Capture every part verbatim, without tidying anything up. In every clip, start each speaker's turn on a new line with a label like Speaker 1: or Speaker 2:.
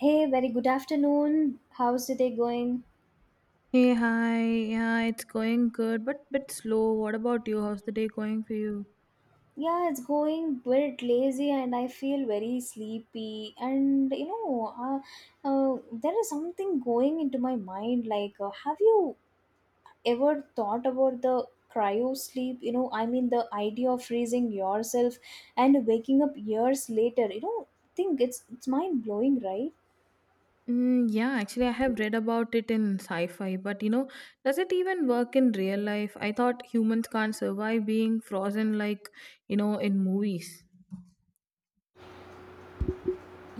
Speaker 1: Hey, very good afternoon. How's the day going?
Speaker 2: Hey, hi. Yeah, it's going good, but bit slow. What about you? How's the day going for you?
Speaker 1: Yeah, it's going bit lazy and I feel very sleepy. And you know, uh, uh, there is something going into my mind. Like, uh, have you ever thought about the cryo sleep? You know, I mean, the idea of freezing yourself and waking up years later. You know, think it's it's mind blowing, right?
Speaker 2: Mm, yeah, actually, I have read about it in sci-fi, but you know, does it even work in real life? I thought humans can't survive being frozen like, you know, in movies.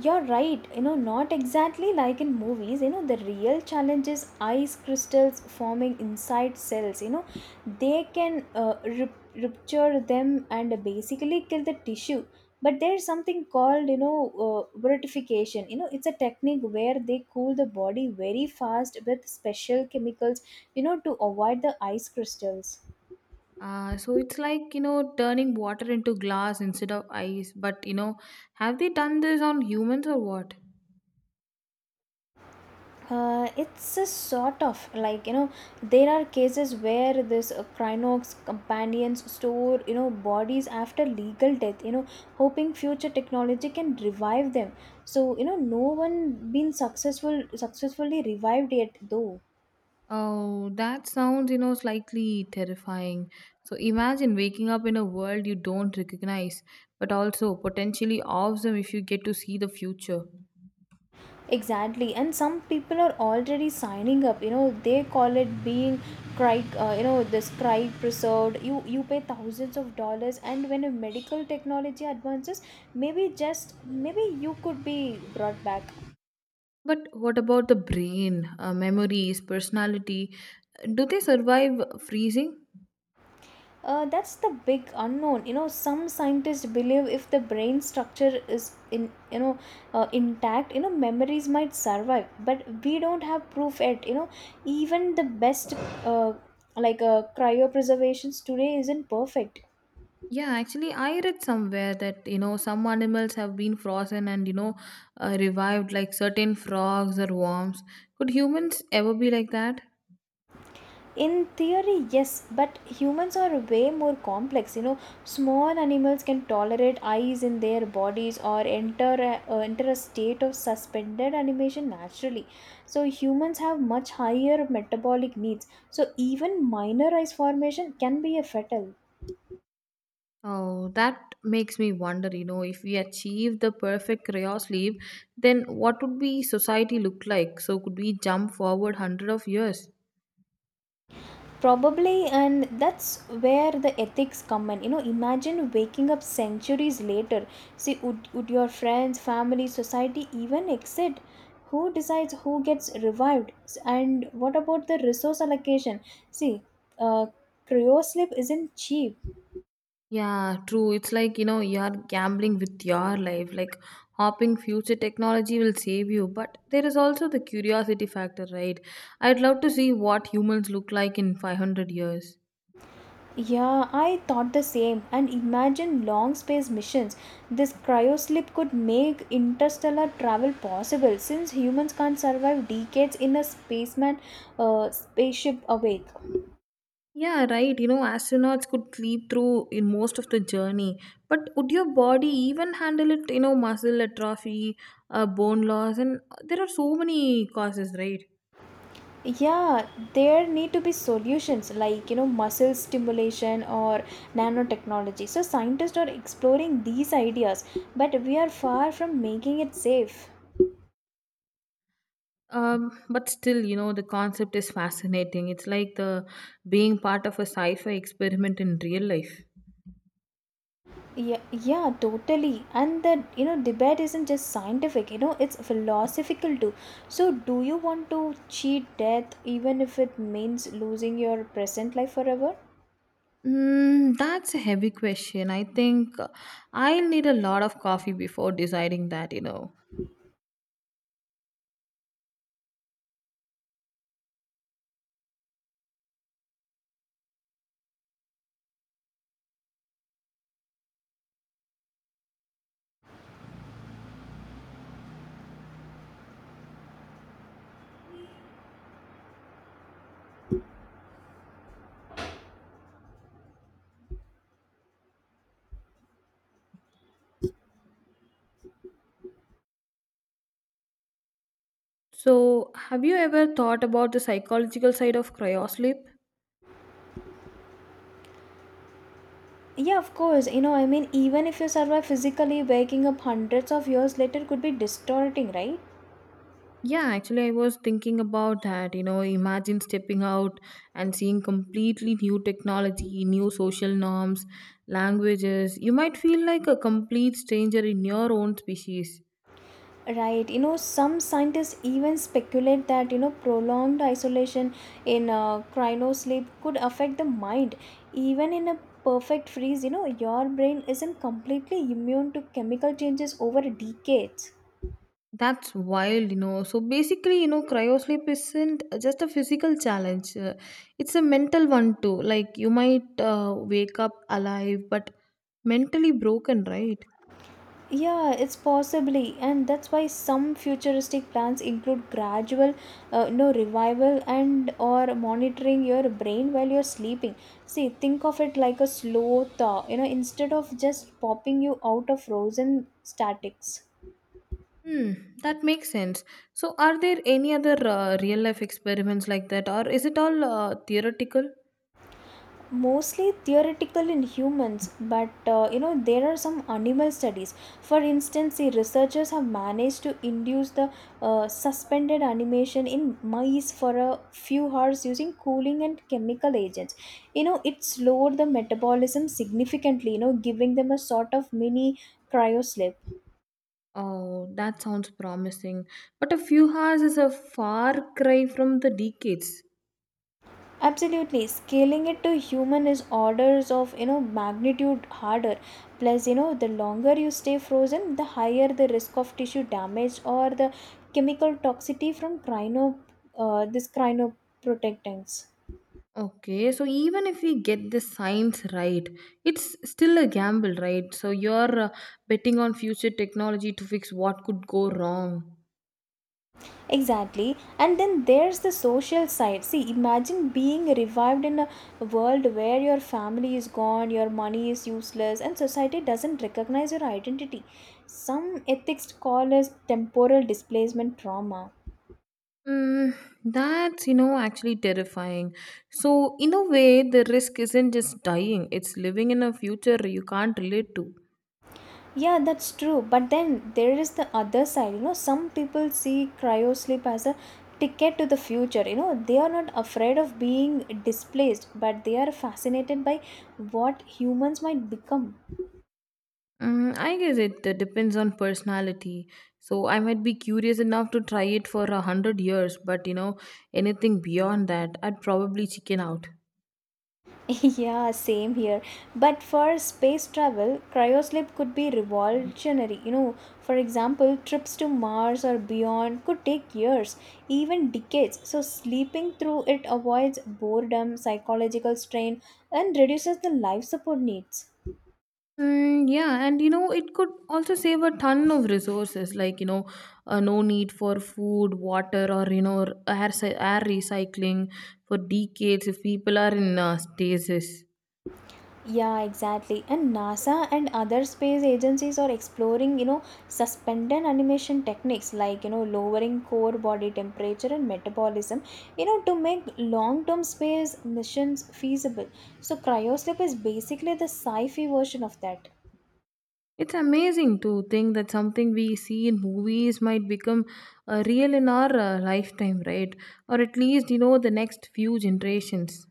Speaker 1: You're right, you know, not exactly like in movies, you know, the real challenge is ice crystals forming inside cells. You know, they can uh, rup- rupture them and basically kill the tissue. But there's something called you know, uh, brutification. You know, it's a technique where they cool the body very fast with special chemicals, you know, to avoid the ice crystals.
Speaker 2: Uh, so it's like, you know, turning water into glass instead of ice. But, you know, have they done this on humans or what?
Speaker 1: Uh, it's a sort of like you know there are cases where this uh, crinox companions store you know bodies after legal death, you know hoping future technology can revive them. So you know no one been successful successfully revived yet though.
Speaker 2: Oh, that sounds, you know, slightly terrifying. So imagine waking up in a world you don't recognize, but also potentially awesome if you get to see the future.
Speaker 1: Exactly, and some people are already signing up. You know, they call it being cry. Uh, you know, this cry preserved. You you pay thousands of dollars, and when a medical technology advances, maybe just maybe you could be brought back.
Speaker 2: But what about the brain, uh, memories, personality? Do they survive freezing?
Speaker 1: uh, that's the big unknown. You know some scientists believe if the brain structure is in, you know uh, intact, you know memories might survive, but we don't have proof yet. You know even the best, uh, like uh, cryopreservations today isn't perfect.
Speaker 2: Yeah, actually, I read somewhere that, you know, some animals have been frozen and, you know, uh, revived like certain frogs or worms. Could humans ever be like that?
Speaker 1: In theory, yes, but humans are way more complex. You know small animals can tolerate eyes in their bodies or enter a, uh, enter a state of suspended animation naturally. So humans have much higher metabolic needs, so even minor eyes formation can be a fatal.
Speaker 2: Oh, that makes me wonder, you know, if we achieve the perfect crayon sleeve, then what would be society look like? So could we jump forward hundred of years?
Speaker 1: Probably, and that's where the ethics come in. You know, imagine waking up centuries later. See, would, would your friends, family, society even exist? Who decides who gets revived? S- And what about the resource allocation? See, uh, cryosleep isn't cheap.
Speaker 2: Yeah, true. It's like, you know, you're gambling with your life. Like hopping future technology will save you, but there is also the curiosity factor, right? I'd love to see what humans look like in five hundred years.
Speaker 1: Yeah, I thought the same. And imagine long space missions. This cryoslip could make interstellar travel possible since humans can't survive decades in a spaceman uh, spaceship awake.
Speaker 2: Yeah, right. You know, astronauts could sleep through in most of the journey. But would your body even handle it? You know, muscle atrophy, uh, bone loss, and there are so many causes, right?
Speaker 1: Yeah, there need to be solutions like, you know, muscle stimulation or nanotechnology. So scientists are exploring these ideas, but we are far from making it safe.
Speaker 2: Um, but still, you know, the concept is fascinating. It's like the being part of a sci-fi experiment in real life.
Speaker 1: Yeah, yeah, totally. And that, you know, debate isn't just scientific, you know, it's philosophical too. So, do you want to cheat death even if it means losing your present life forever?
Speaker 2: Mm, that's a heavy question. I think I'll need a lot of coffee before deciding that, you know. So, have you ever thought about the psychological side of cryosleep?
Speaker 1: Yeah, of course. You know, I mean, even if you survive physically, waking up hundreds of years later could be distorting, right?
Speaker 2: Yeah, actually, I was thinking about that. You know, imagine stepping out and seeing completely new technology, new social norms, languages. You might feel like a complete stranger in your own species.
Speaker 1: Right, you know, some scientists even speculate that you know prolonged isolation in uh, cryosleep could affect the mind. Even in a perfect freeze, you know, your brain isn't completely immune to chemical changes over decades.
Speaker 2: That's wild, you know. So basically, you know, cryosleep isn't just a physical challenge, uh, it's a mental one too. Like, you might uh, wake up alive, but mentally broken, right?
Speaker 1: Yeah, it's possibly, and that's why some futuristic plans include gradual, uh, no revival and or monitoring your brain while you're sleeping. See, think of it like a slow thaw, You know, instead of just popping you out of frozen statics.
Speaker 2: Hmm, that makes sense. So, are there any other uh, real life experiments like that, or is it all uh, theoretical?
Speaker 1: Mostly theoretical in humans, but uh, you know there are some animal studies. For instance, the researchers have managed to induce the uh, suspended animation in mice for a few hours using cooling and chemical agents. You know it slowed the metabolism significantly, you know giving them a sort of mini cryosleep.
Speaker 2: Oh, that sounds promising. But a few hours is a far cry from the decades.
Speaker 1: Absolutely, scaling it to human is orders of, you know magnitude harder. Plus, you know the longer you stay frozen, the higher the risk of tissue damage or the chemical toxicity from cryo uh, this cryoprotectants.
Speaker 2: Okay, so even if we get the science right, it's still a gamble, right? So, you're uh, betting on future technology to fix what could go wrong.
Speaker 1: Exactly. And then there's the social side. See, imagine being revived in a world where your family is gone, your money is useless, and society doesn't recognize your identity. Some ethics call as temporal displacement trauma.
Speaker 2: Mm, that's, you know, actually terrifying. So, in a way, the risk isn't just dying, it's living in a future you can't relate to.
Speaker 1: Yeah, that's true. But then there is the other side. You know, some people see cryo sleep as a ticket to the future. You know, they are not afraid of being displaced, but they are fascinated by what humans might become.
Speaker 2: Mm, I guess it uh, depends on personality. So, I might be curious enough to try it for a hundred years, but you know, anything beyond that, I'd probably chicken out.
Speaker 1: Yeah, same here. But for space travel, cryosleep could be revolutionary. You know, for example, trips to Mars or beyond could take years, even decades. So, sleeping through it avoids boredom, psychological strain, and reduces the life support needs.
Speaker 2: Mm, yeah, and you know, it could also save a ton of resources, like you know, uh, no need for food, water, or you know, air cy- air recycling for decades if people are in uh, stasis.
Speaker 1: Yeah, exactly. And NASA and other space agencies are exploring, you know, suspended animation techniques like, you know, lowering core body temperature and metabolism, you know, to make long term space missions feasible. So, cryosleep is basically the sci fi version of that.
Speaker 2: It's amazing to think that something we see in movies might become uh, real in our uh, lifetime, right? Or at least you know the next few generations.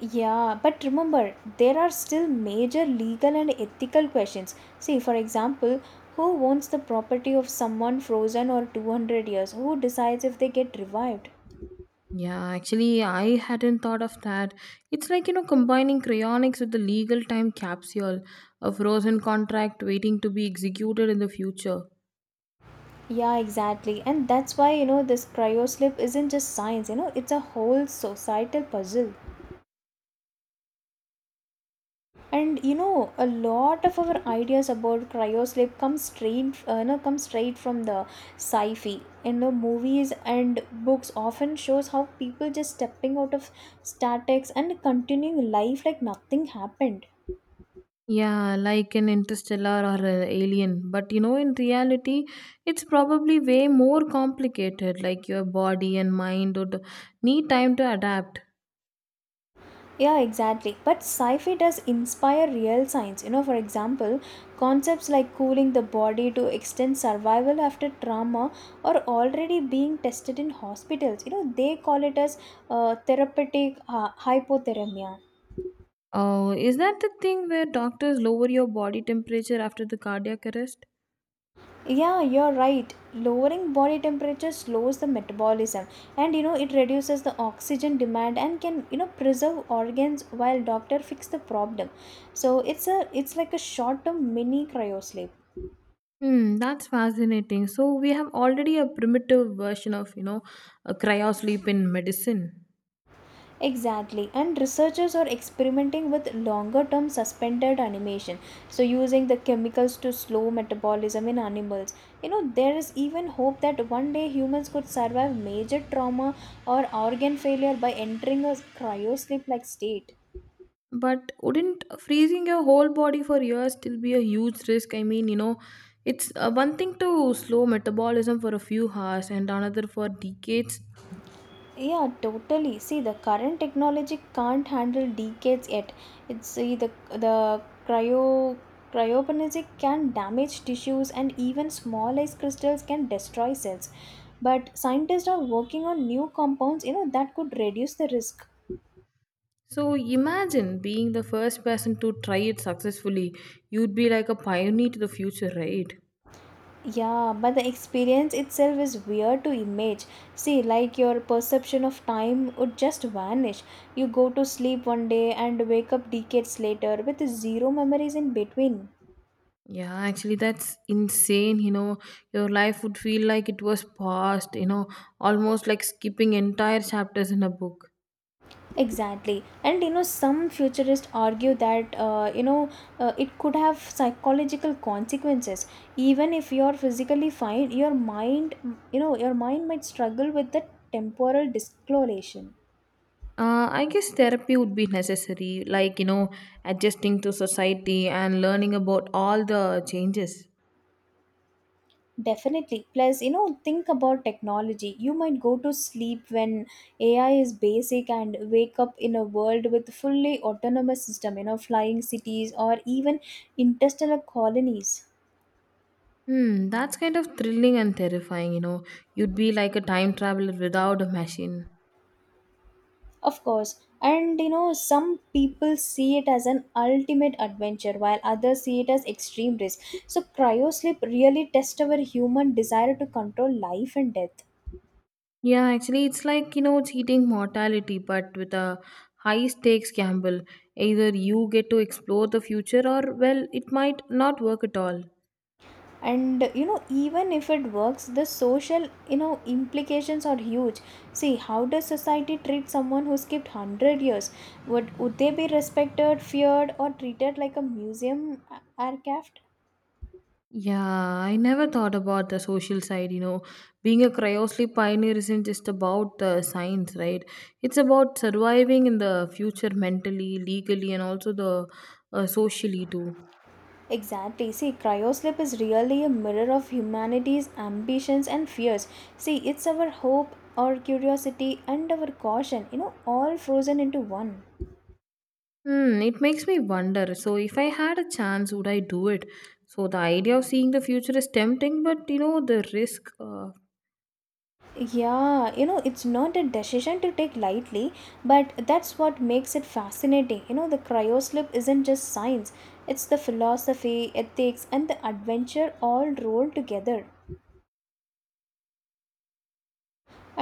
Speaker 1: Yeah, but remember, there are still major legal and ethical questions. See, for example, who owns the property of someone frozen or two hundred years? Who decides if they get revived?
Speaker 2: Yeah, actually, I hadn't thought of that. It's like, you know, combining cryonics with the legal time capsule, a frozen contract waiting to be executed in the future.
Speaker 1: Yeah, exactly. And that's why, you know, this cryo sleep isn't just science, you know, it's a whole societal puzzle. And you know, a lot of our ideas about cryo sleep come straight, uh, you know, come straight from the sci-fi. In the movies and books, often shows how people just stepping out of statics and continuing life like nothing happened.
Speaker 2: Yeah, like an interstellar or an alien. But, you know, in reality, it's probably way more complicated. Like, your body and mind would need time to adapt.
Speaker 1: Yeah, exactly. But sci fi does inspire real science. You know, for example, concepts like cooling the body to extend survival after trauma are already being tested in hospitals. You know, they call it as uh, therapeutic uh, hypothermia.
Speaker 2: Oh, is that the thing where doctors lower your body temperature after the cardiac arrest?
Speaker 1: Yeah, you're right. Lowering body temperature slows the metabolism, and you know it reduces the oxygen demand and can, you know preserve organs while doctor fix the problem. So it's a it's like a short term mini cryosleep.
Speaker 2: Hmm, that's fascinating. So we have already a primitive version of, you know, a cryosleep in medicine.
Speaker 1: Exactly, and researchers are experimenting with longer term suspended animation, so using the chemicals to slow metabolism in animals. You know, there is even hope that one day humans could survive major trauma or organ failure by entering a cryosleep like state.
Speaker 2: But wouldn't freezing your whole body for years still be a huge risk? I mean, you know, it's uh, one thing to slow metabolism for a few hours and another for decades.
Speaker 1: Yeah, totally. See, the current technology can't handle decades yet. It's see, the the cryo cryopanesic can damage tissues, and even small ice crystals can destroy cells. But scientists are working on new compounds, you know, that could reduce the risk.
Speaker 2: So imagine being the first person to try it successfully. You'd be like a pioneer to the future, right?
Speaker 1: Yeah, but the experience itself is weird to image. See, like your perception of time would just vanish. You go to sleep one day and wake up decades later with zero memories in between.
Speaker 2: Yeah, actually, that's insane. You know, your life would feel like it was paused, you know, almost like skipping entire chapters in a book.
Speaker 1: Exactly. And you know, some futurists argue that, uh, you know, uh, it could have psychological consequences. Even if you're physically fine, your mind, you know, your mind might struggle with the temporal discoloration.
Speaker 2: Uh, I guess therapy would be necessary, like, you know, adjusting to society and learning about all the changes.
Speaker 1: Definitely. Plus, you know, think about technology. You might go to sleep when A I is basic and wake up in a world with fully autonomous system, you know, flying cities or even interstellar colonies.
Speaker 2: Hmm, that's kind of thrilling and terrifying, you know. You'd be like a time traveler without a machine.
Speaker 1: Of course. And you know, some people see it as an ultimate adventure while others see it as extreme risk. So, cryosleep really tests our human desire to control life and death.
Speaker 2: Yeah, actually, it's like, you know, cheating mortality, but with a high stakes gamble. Either you get to explore the future, or, well, it might not work at all.
Speaker 1: And you know, even if it works, the social you know implications are huge. See, how does society treat someone who skipped one hundred years? Would, would they be respected, feared, or treated like a museum a- aircraft?
Speaker 2: Yeah, I never thought about the social side, you know. Being a cryosleep pioneer isn't just about the science, right? It's about surviving in the future mentally, legally, and also the uh, socially too.
Speaker 1: Exactly. See, cryosleep is really a mirror of humanity's ambitions and fears. See, it's our hope, our curiosity, and our caution, you know, all frozen into one.
Speaker 2: Hmm, it makes me wonder. So, if I had a chance, would I do it? So, the idea of seeing the future is tempting, but you know, the risk. Uh,
Speaker 1: Yeah, you know, it's not a decision to take lightly, but that's what makes it fascinating. You know, the cryosleep isn't just science, it's the philosophy, ethics, and the adventure all rolled together.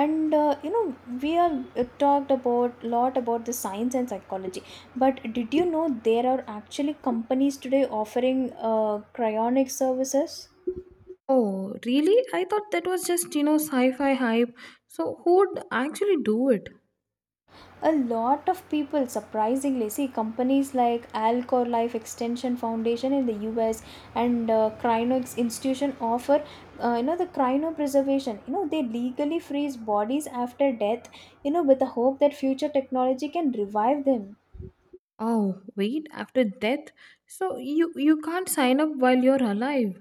Speaker 1: And uh, you know we have uh, talked about lot about the science and psychology, but did you know there are actually companies today offering uh, cryonic services?
Speaker 2: Oh, really? I thought that was just, you know, sci fi hype. So, who would actually do it?
Speaker 1: A lot of people, surprisingly. See companies like Alcor Life Extension Foundation in the US and uh, cryonics institution offer uh, you know the cryopreservation. You know they legally freeze bodies after death, you know with the hope that future technology can revive them.
Speaker 2: Oh, wait, after death? So, you, you can't sign up while you're alive.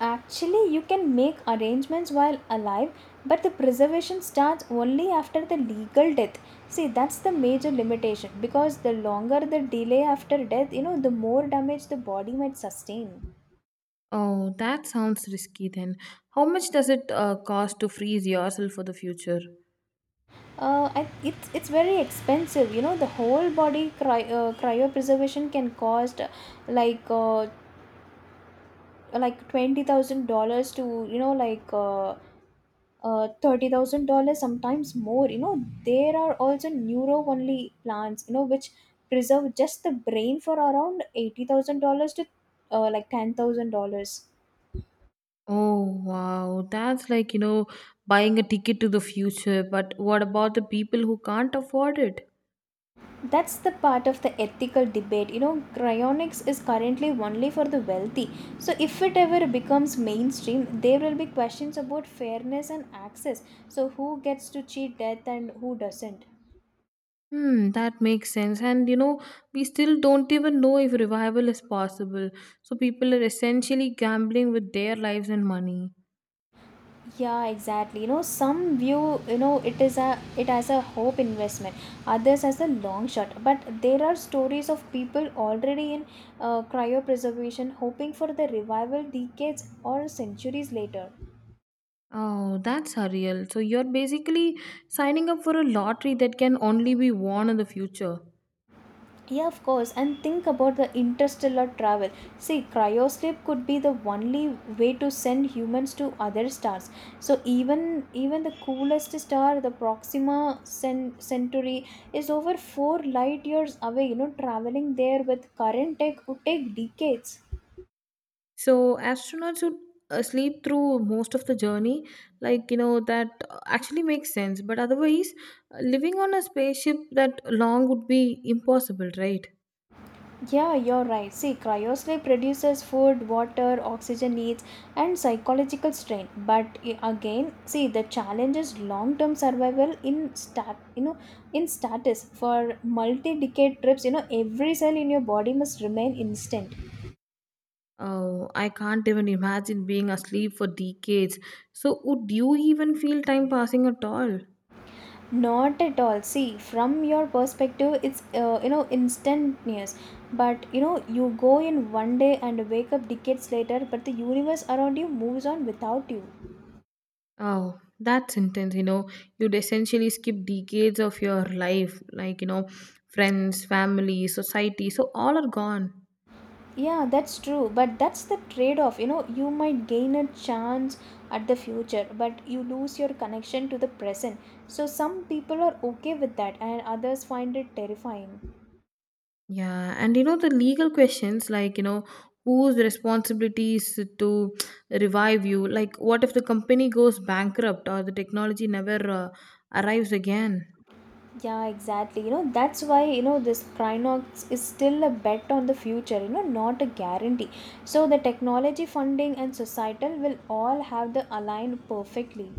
Speaker 1: Actually, you can make arrangements while alive, but the preservation starts only after the legal death. See, that's the major limitation, because the longer the delay after death, you know, the more damage the body might sustain.
Speaker 2: Oh, that sounds risky then. How much does it uh, cost to freeze yourself for the future?
Speaker 1: Uh, I, it's it's very expensive. You know, the whole body cry, uh, cryopreservation can cost, uh, like uh, like twenty thousand dollars to, you know, like, uh, uh, thirty thousand dollars sometimes more. You know, there are also neuro only plans, you know, which preserve just the brain for around eighty thousand dollars to, uh, like, ten thousand dollars.
Speaker 2: Oh wow, that's like you know buying a ticket to the future. But what about the people who can't afford it?
Speaker 1: That's the part of the ethical debate. You know, cryonics is currently only for the wealthy. So, if it ever becomes mainstream, there will be questions about fairness and access. So, who gets to cheat death and who doesn't?
Speaker 2: Hmm, that makes sense. And you know, we still don't even know if revival is possible. So people are essentially gambling with their lives and money.
Speaker 1: Yeah, exactly. You know some view, you know it is a it as a hope investment, others as a long shot, but there are stories of people already in uh, cryopreservation hoping for the revival decades or centuries later.
Speaker 2: Oh, that's surreal. So you're basically signing up for a lottery that can only be won in the future.
Speaker 1: Yeah, of course. And think about the interstellar travel. See, cryosleep could be the only way to send humans to other stars. So even even the coolest star, the Proxima Cen- Centauri, is over four light years away. You know, traveling there with current tech would take decades.
Speaker 2: So astronauts would uh, sleep through most of the journey, like you know that uh, actually makes sense. But otherwise, uh, living on a spaceship that long would be impossible, right?
Speaker 1: Yeah, you're right. See, cryosleep reduces food, water, oxygen needs, and psychological strain. But i- again, see the challenge is long-term survival in stat, you know, in status for multi-decade trips. You know, every cell in your body must remain instant.
Speaker 2: Oh, I can't even imagine being asleep for decades. So would you even feel time passing at all?
Speaker 1: Not at all. See, from your perspective, it's uh, you know instantaneous. But you know, you go in one day and wake up decades later. But the universe around you moves on without you.
Speaker 2: Oh, that's intense. You know, you'd essentially skip decades of your life, like you know, friends, family, society. So all are gone.
Speaker 1: Yeah, that's true, but that's the trade off. You know, you might gain a chance at the future, but you lose your connection to the present. So, some people are okay with that, and others find it terrifying.
Speaker 2: Yeah, and you know the legal questions like you know whose responsibilities to revive you? Like, what if the company goes bankrupt or the technology never uh, arrives again?
Speaker 1: Yeah, exactly. You know, that's why, you know, this Crinox is still a bet on the future, you know, not a guarantee. So, the technology funding and societal will all have the align perfectly.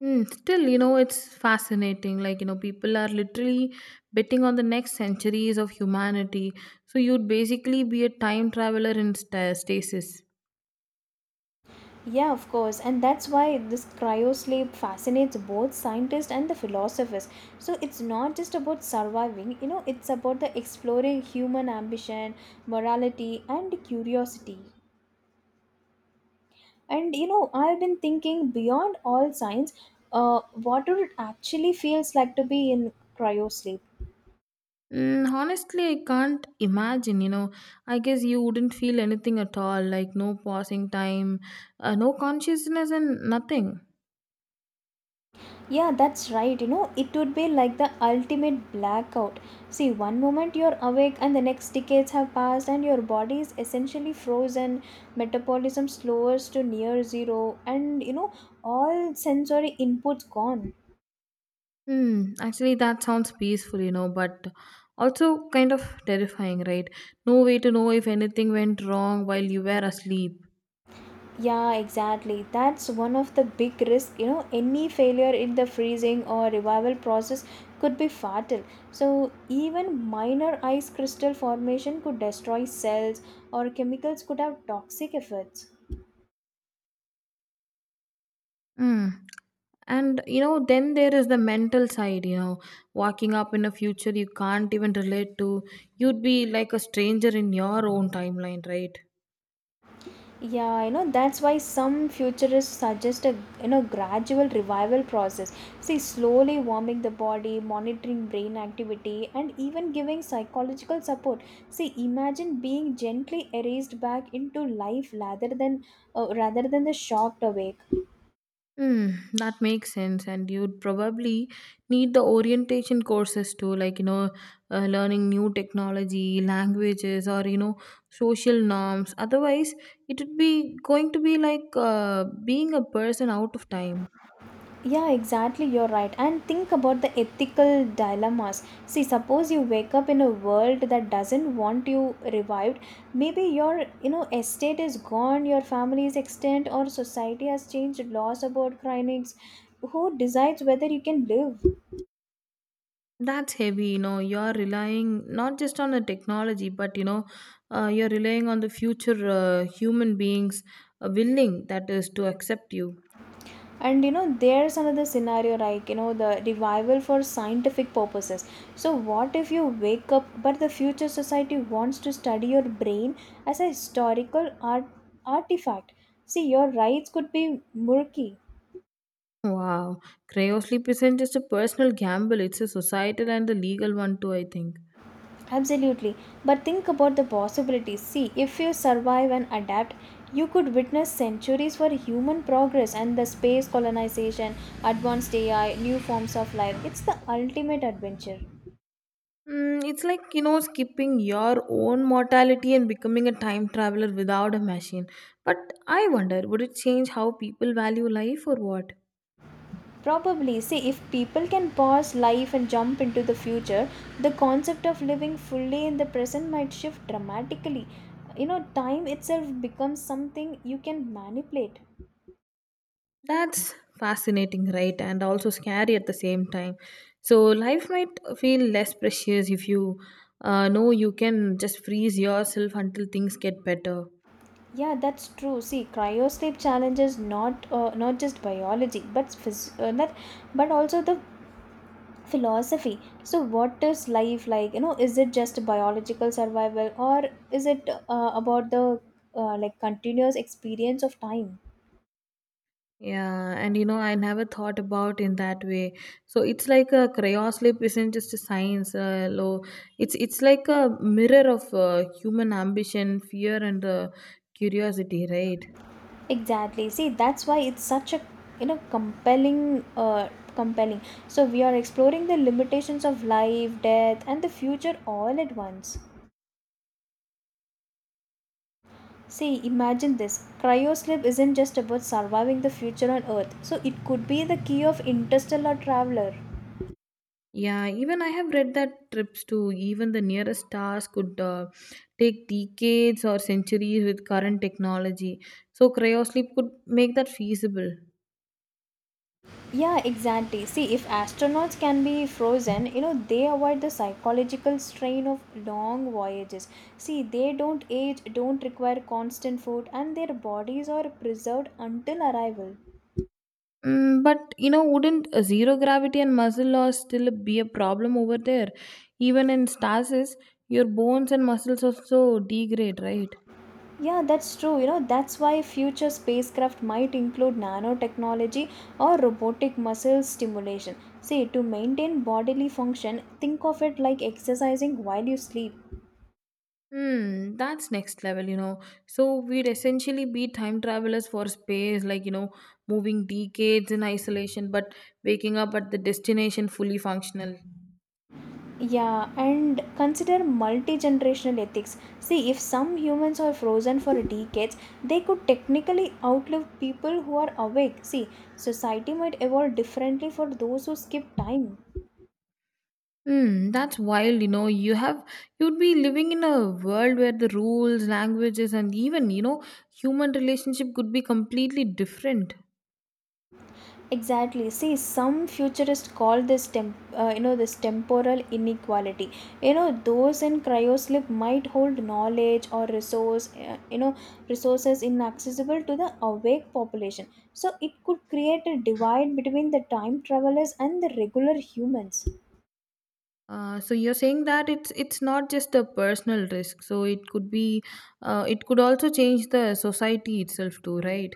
Speaker 2: Hmm, still, you know, it's fascinating. Like, you know, people are literally betting on the next centuries of humanity. So you'd basically be a time traveler in sta stasis.
Speaker 1: Yeah, of course, and that's why this cryo sleep fascinates both scientists and the philosophers. So it's not just about surviving, you know, it's about the exploring human ambition, morality, and curiosity. And you know, I've been thinking beyond all science, uh, what would it actually feels like to be in cryo sleep?
Speaker 2: Mm, honestly, I can't imagine. You know, I guess you wouldn't feel anything at all like no passing time, uh, no consciousness, and nothing.
Speaker 1: Yeah, that's right. You know, it would be like the ultimate blackout. See, one moment you're awake, and the next decades have passed, and your body is essentially frozen, metabolism slows to near zero, and you know, all sensory inputs gone.
Speaker 2: Hmm, actually, that sounds peaceful, you know, but also kind of terrifying, right? No way to know if anything went wrong while you were asleep.
Speaker 1: Yeah, exactly. That's one of the big risk. You know, any failure in the freezing or revival process could be fatal. So, even minor ice crystal formation could destroy cells, or chemicals could have toxic effects.
Speaker 2: Hmm. And you know, then there is the mental side, you know, walking up in a future you can't even relate to. You'd be like a stranger in your own timeline, right?
Speaker 1: Yeah, you know, that's why some futurists suggest a you know gradual revival process. See, slowly warming the body, monitoring brain activity, and even giving psychological support. See, imagine being gently erased back into life rather than uh, rather than the shocked awake.
Speaker 2: Hmm, that makes sense, and you'd probably need the orientation courses too, like you know, uh, learning new technology, languages, or you know, social norms. Otherwise, it would be going to be like uh, being a person out of time.
Speaker 1: Yeah, exactly, you're right. And think about the ethical dilemmas. See, suppose you wake up in a world that doesn't want you revived. Maybe your, you know, estate is gone, your family is extinct, or society has changed laws about cranies. Who decides whether you can live?
Speaker 2: That's heavy, you know. You're relying not just on the technology, but you know, uh, you're relying on the future uh, human beings uh, willing that is to accept you.
Speaker 1: And you know, there's another scenario like, you know, the revival for scientific purposes. So, what if you wake up, but the future society wants to study your brain as a historical art- artifact? See, your rights could be murky.
Speaker 2: Wow, cryosleep isn't just a personal gamble, it's a societal and a legal one too, I think.
Speaker 1: Absolutely. But think about the possibilities. See, if you survive and adapt, you could witness centuries for human progress and the space colonization, advanced A I, new forms of life. It's the ultimate adventure.
Speaker 2: Mm, it's like, you know, skipping your own mortality and becoming a time traveler without a machine. But I wonder, would it change how people value life or what?
Speaker 1: Probably, see, if people can pause life and jump into the future, the concept of living fully in the present might shift dramatically. You know, time itself becomes something you can manipulate.
Speaker 2: That's fascinating, right? And also scary at the same time. So, life might feel less precious if you uh, know you can just freeze yourself until things get better.
Speaker 1: Yeah, that's true. See, cryosleep challenges not uh, not just biology, but phys- uh, that, but also the philosophy. So, what is life like? You know, is it just biological survival, or is it uh, about the uh, like continuous experience of time?
Speaker 2: Yeah, and you know, I never thought about in that way. So it's like a cryosleep isn't just a science, uh, low. It's it's like a mirror of uh, human ambition, fear, and uh, curiosity, right?
Speaker 1: Exactly. See, that's why it's such a you know compelling uh compelling. So we are exploring the limitations of life, death and the future all at once. See, imagine this. Cryosleep isn't just about surviving the future on Earth. So it could be the key of interstellar traveler.
Speaker 2: Yeah, even I have read that trips to even the nearest stars could uh, take decades or centuries with current technology. So cryosleep could make that feasible.
Speaker 1: Yeah, exactly. See, if astronauts can be frozen, you know, they avoid the psychological strain of long voyages. See, they don't age, don't require constant food, and their bodies are preserved until arrival.
Speaker 2: Mm, but you know, wouldn't uh, zero gravity and muscle loss still be a problem over there? Even in stasis, your bones and muscles also degrade, right?
Speaker 1: Yeah, that's true. You know, that's why future spacecraft might include nanotechnology or robotic muscle stimulation. See, to maintain bodily function, think of it like exercising while you sleep.
Speaker 2: Hmm, that's next level, you know. So we'd essentially be time travelers for space, like, you know, moving decades in isolation, but waking up at the destination fully functional.
Speaker 1: Yeah, and consider multi generational ethics. See, if some humans are frozen for decades, they could technically outlive people who are awake. See, society might evolve differently for those who skip time.
Speaker 2: Hmm, that's wild, you know. You have you'd be living in a world where the rules, languages, and even, you know, human relationship could be completely different.
Speaker 1: Exactly, see some futurists call this temp, uh, you know this temporal inequality. You know those in cryosleep might hold knowledge or resource uh, you know resources inaccessible to the awake population. So it could create a divide between the time travelers and the regular humans.
Speaker 2: Uh, so you're saying that it's it's not just a personal risk. So it could be, uh, it could also change the society itself too, right?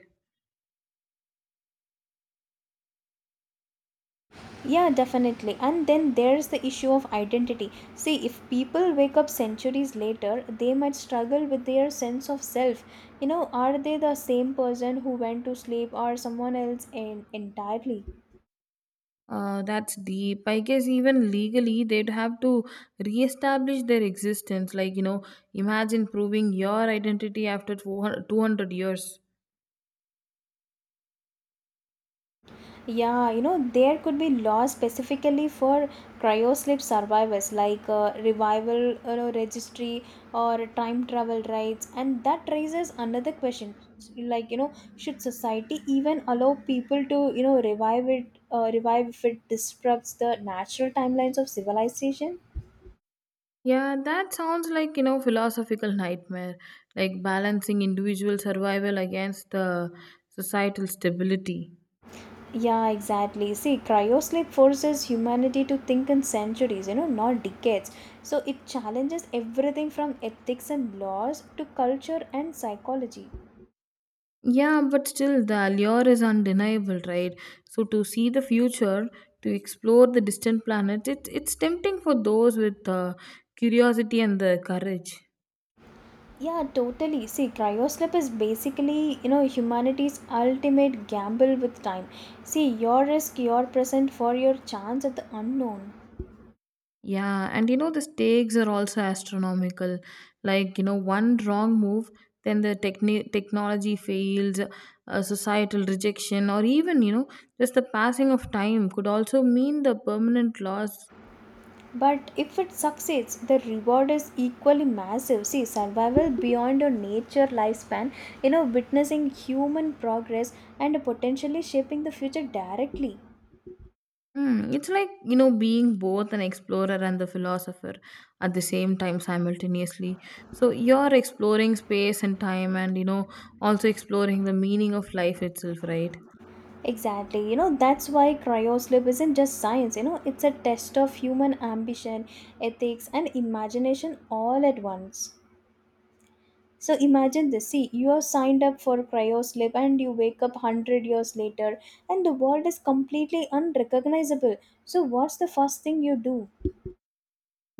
Speaker 1: Yeah, definitely. And then there's the issue of identity. See, if people wake up centuries later, they might struggle with their sense of self. You know, are they the same person who went to sleep or someone else en- entirely?
Speaker 2: Uh, that's deep. I guess even legally they'd have to reestablish their existence. Like you know, imagine proving your identity after two hundred years.
Speaker 1: Yeah, you know, there could be laws specifically for cryosleep survivors like uh, revival, you know, registry or time travel rights, and that raises another question. Like, you know, should society even allow people to, you know, revive it, uh, revive if it disrupts the natural timelines of civilization?
Speaker 2: Yeah, that sounds like, you know, philosophical nightmare, like balancing individual survival against the societal stability.
Speaker 1: Yeah, exactly. See, cryosleep forces humanity to think in centuries, you know, not decades. So it challenges everything from ethics and laws to culture and psychology.
Speaker 2: Yeah, but still the allure is undeniable, right? So to see the future, to explore the distant planet, it, it's tempting for those with uh, curiosity and the courage.
Speaker 1: Yeah, totally. See, cryosleep is basically, you know, humanity's ultimate gamble with time. See, your risk, your present for your chance at the unknown.
Speaker 2: Yeah, and you know, the stakes are also astronomical. Like, you know, one wrong move, then the techni- technology fails, uh, societal rejection, or even, you know, just the passing of time could also mean the permanent loss.
Speaker 1: But if it succeeds, the reward is equally massive. See, survival beyond your nature lifespan, you know, witnessing human progress and potentially shaping the future directly.
Speaker 2: Hmm, it's like, you know, being both an explorer and the philosopher at the same time simultaneously. So you're exploring space and time and, you know, also exploring the meaning of life itself, right?
Speaker 1: Exactly, you know, that's why cryosleep isn't just science, you know, it's a test of human ambition, ethics, and imagination all at once. So imagine this. See, you are signed up for cryo sleep and you wake up one hundred years later and the world is completely unrecognizable. So what's the first thing you do?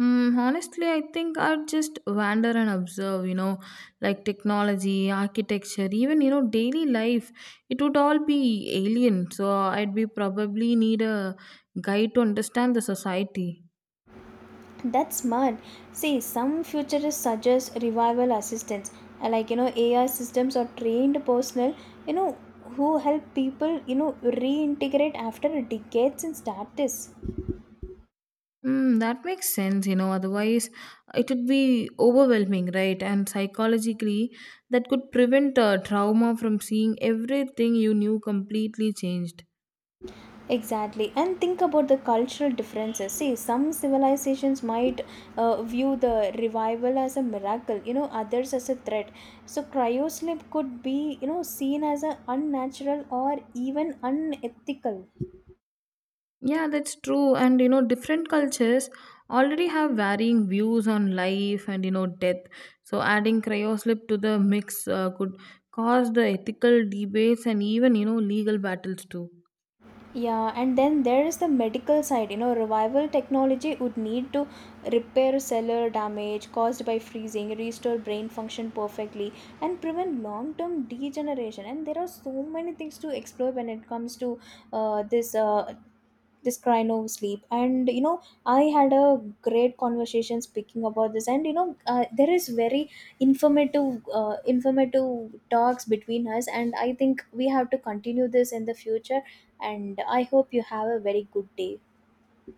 Speaker 2: Mm, honestly, I think I'd just wander and observe, you know, like technology, architecture, even, you know, daily life. It would all be alien. So I'd be probably need a guide to understand the society.
Speaker 1: That's smart. See, some futurists suggest revival assistance, uh, like you know, A I systems or trained personnel, you know, who help people, you know, reintegrate after decades in status.
Speaker 2: Mm, that makes sense, you know, otherwise it would be overwhelming, right? And psychologically, that could prevent uh, trauma from seeing everything you knew completely changed.
Speaker 1: Exactly, and think about the cultural differences. See, some civilizations might uh, view the revival as a miracle, you know, others as a threat. So, cryosleep could be, you know, seen as a unnatural or even unethical.
Speaker 2: Yeah, that's true. And you know, different cultures already have varying views on life and you know, death. So, adding cryosleep to the mix uh, could cause the ethical debates and even you know, legal battles too.
Speaker 1: Yeah, and then there is the medical side. You know, revival technology would need to repair cellular damage caused by freezing, restore brain function perfectly, and prevent long term degeneration. And there are so many things to explore when it comes to uh, this uh, this cry no sleep. And you know I had a great conversation speaking about this. And you know uh, there is very informative uh, informative talks between us, and I think we have to continue this in the future. And I hope you have a very good day.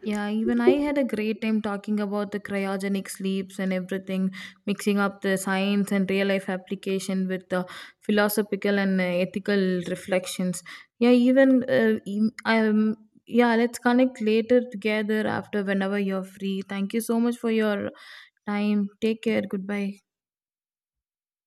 Speaker 2: Yeah, even I had a great time talking about the cryogenic sleeps and everything, mixing up the science and real life application with the philosophical and uh, ethical reflections. Yeah, even uh, em- um, yeah, let's connect later together after whenever you're free. Thank you so much for your time. Take care. Goodbye.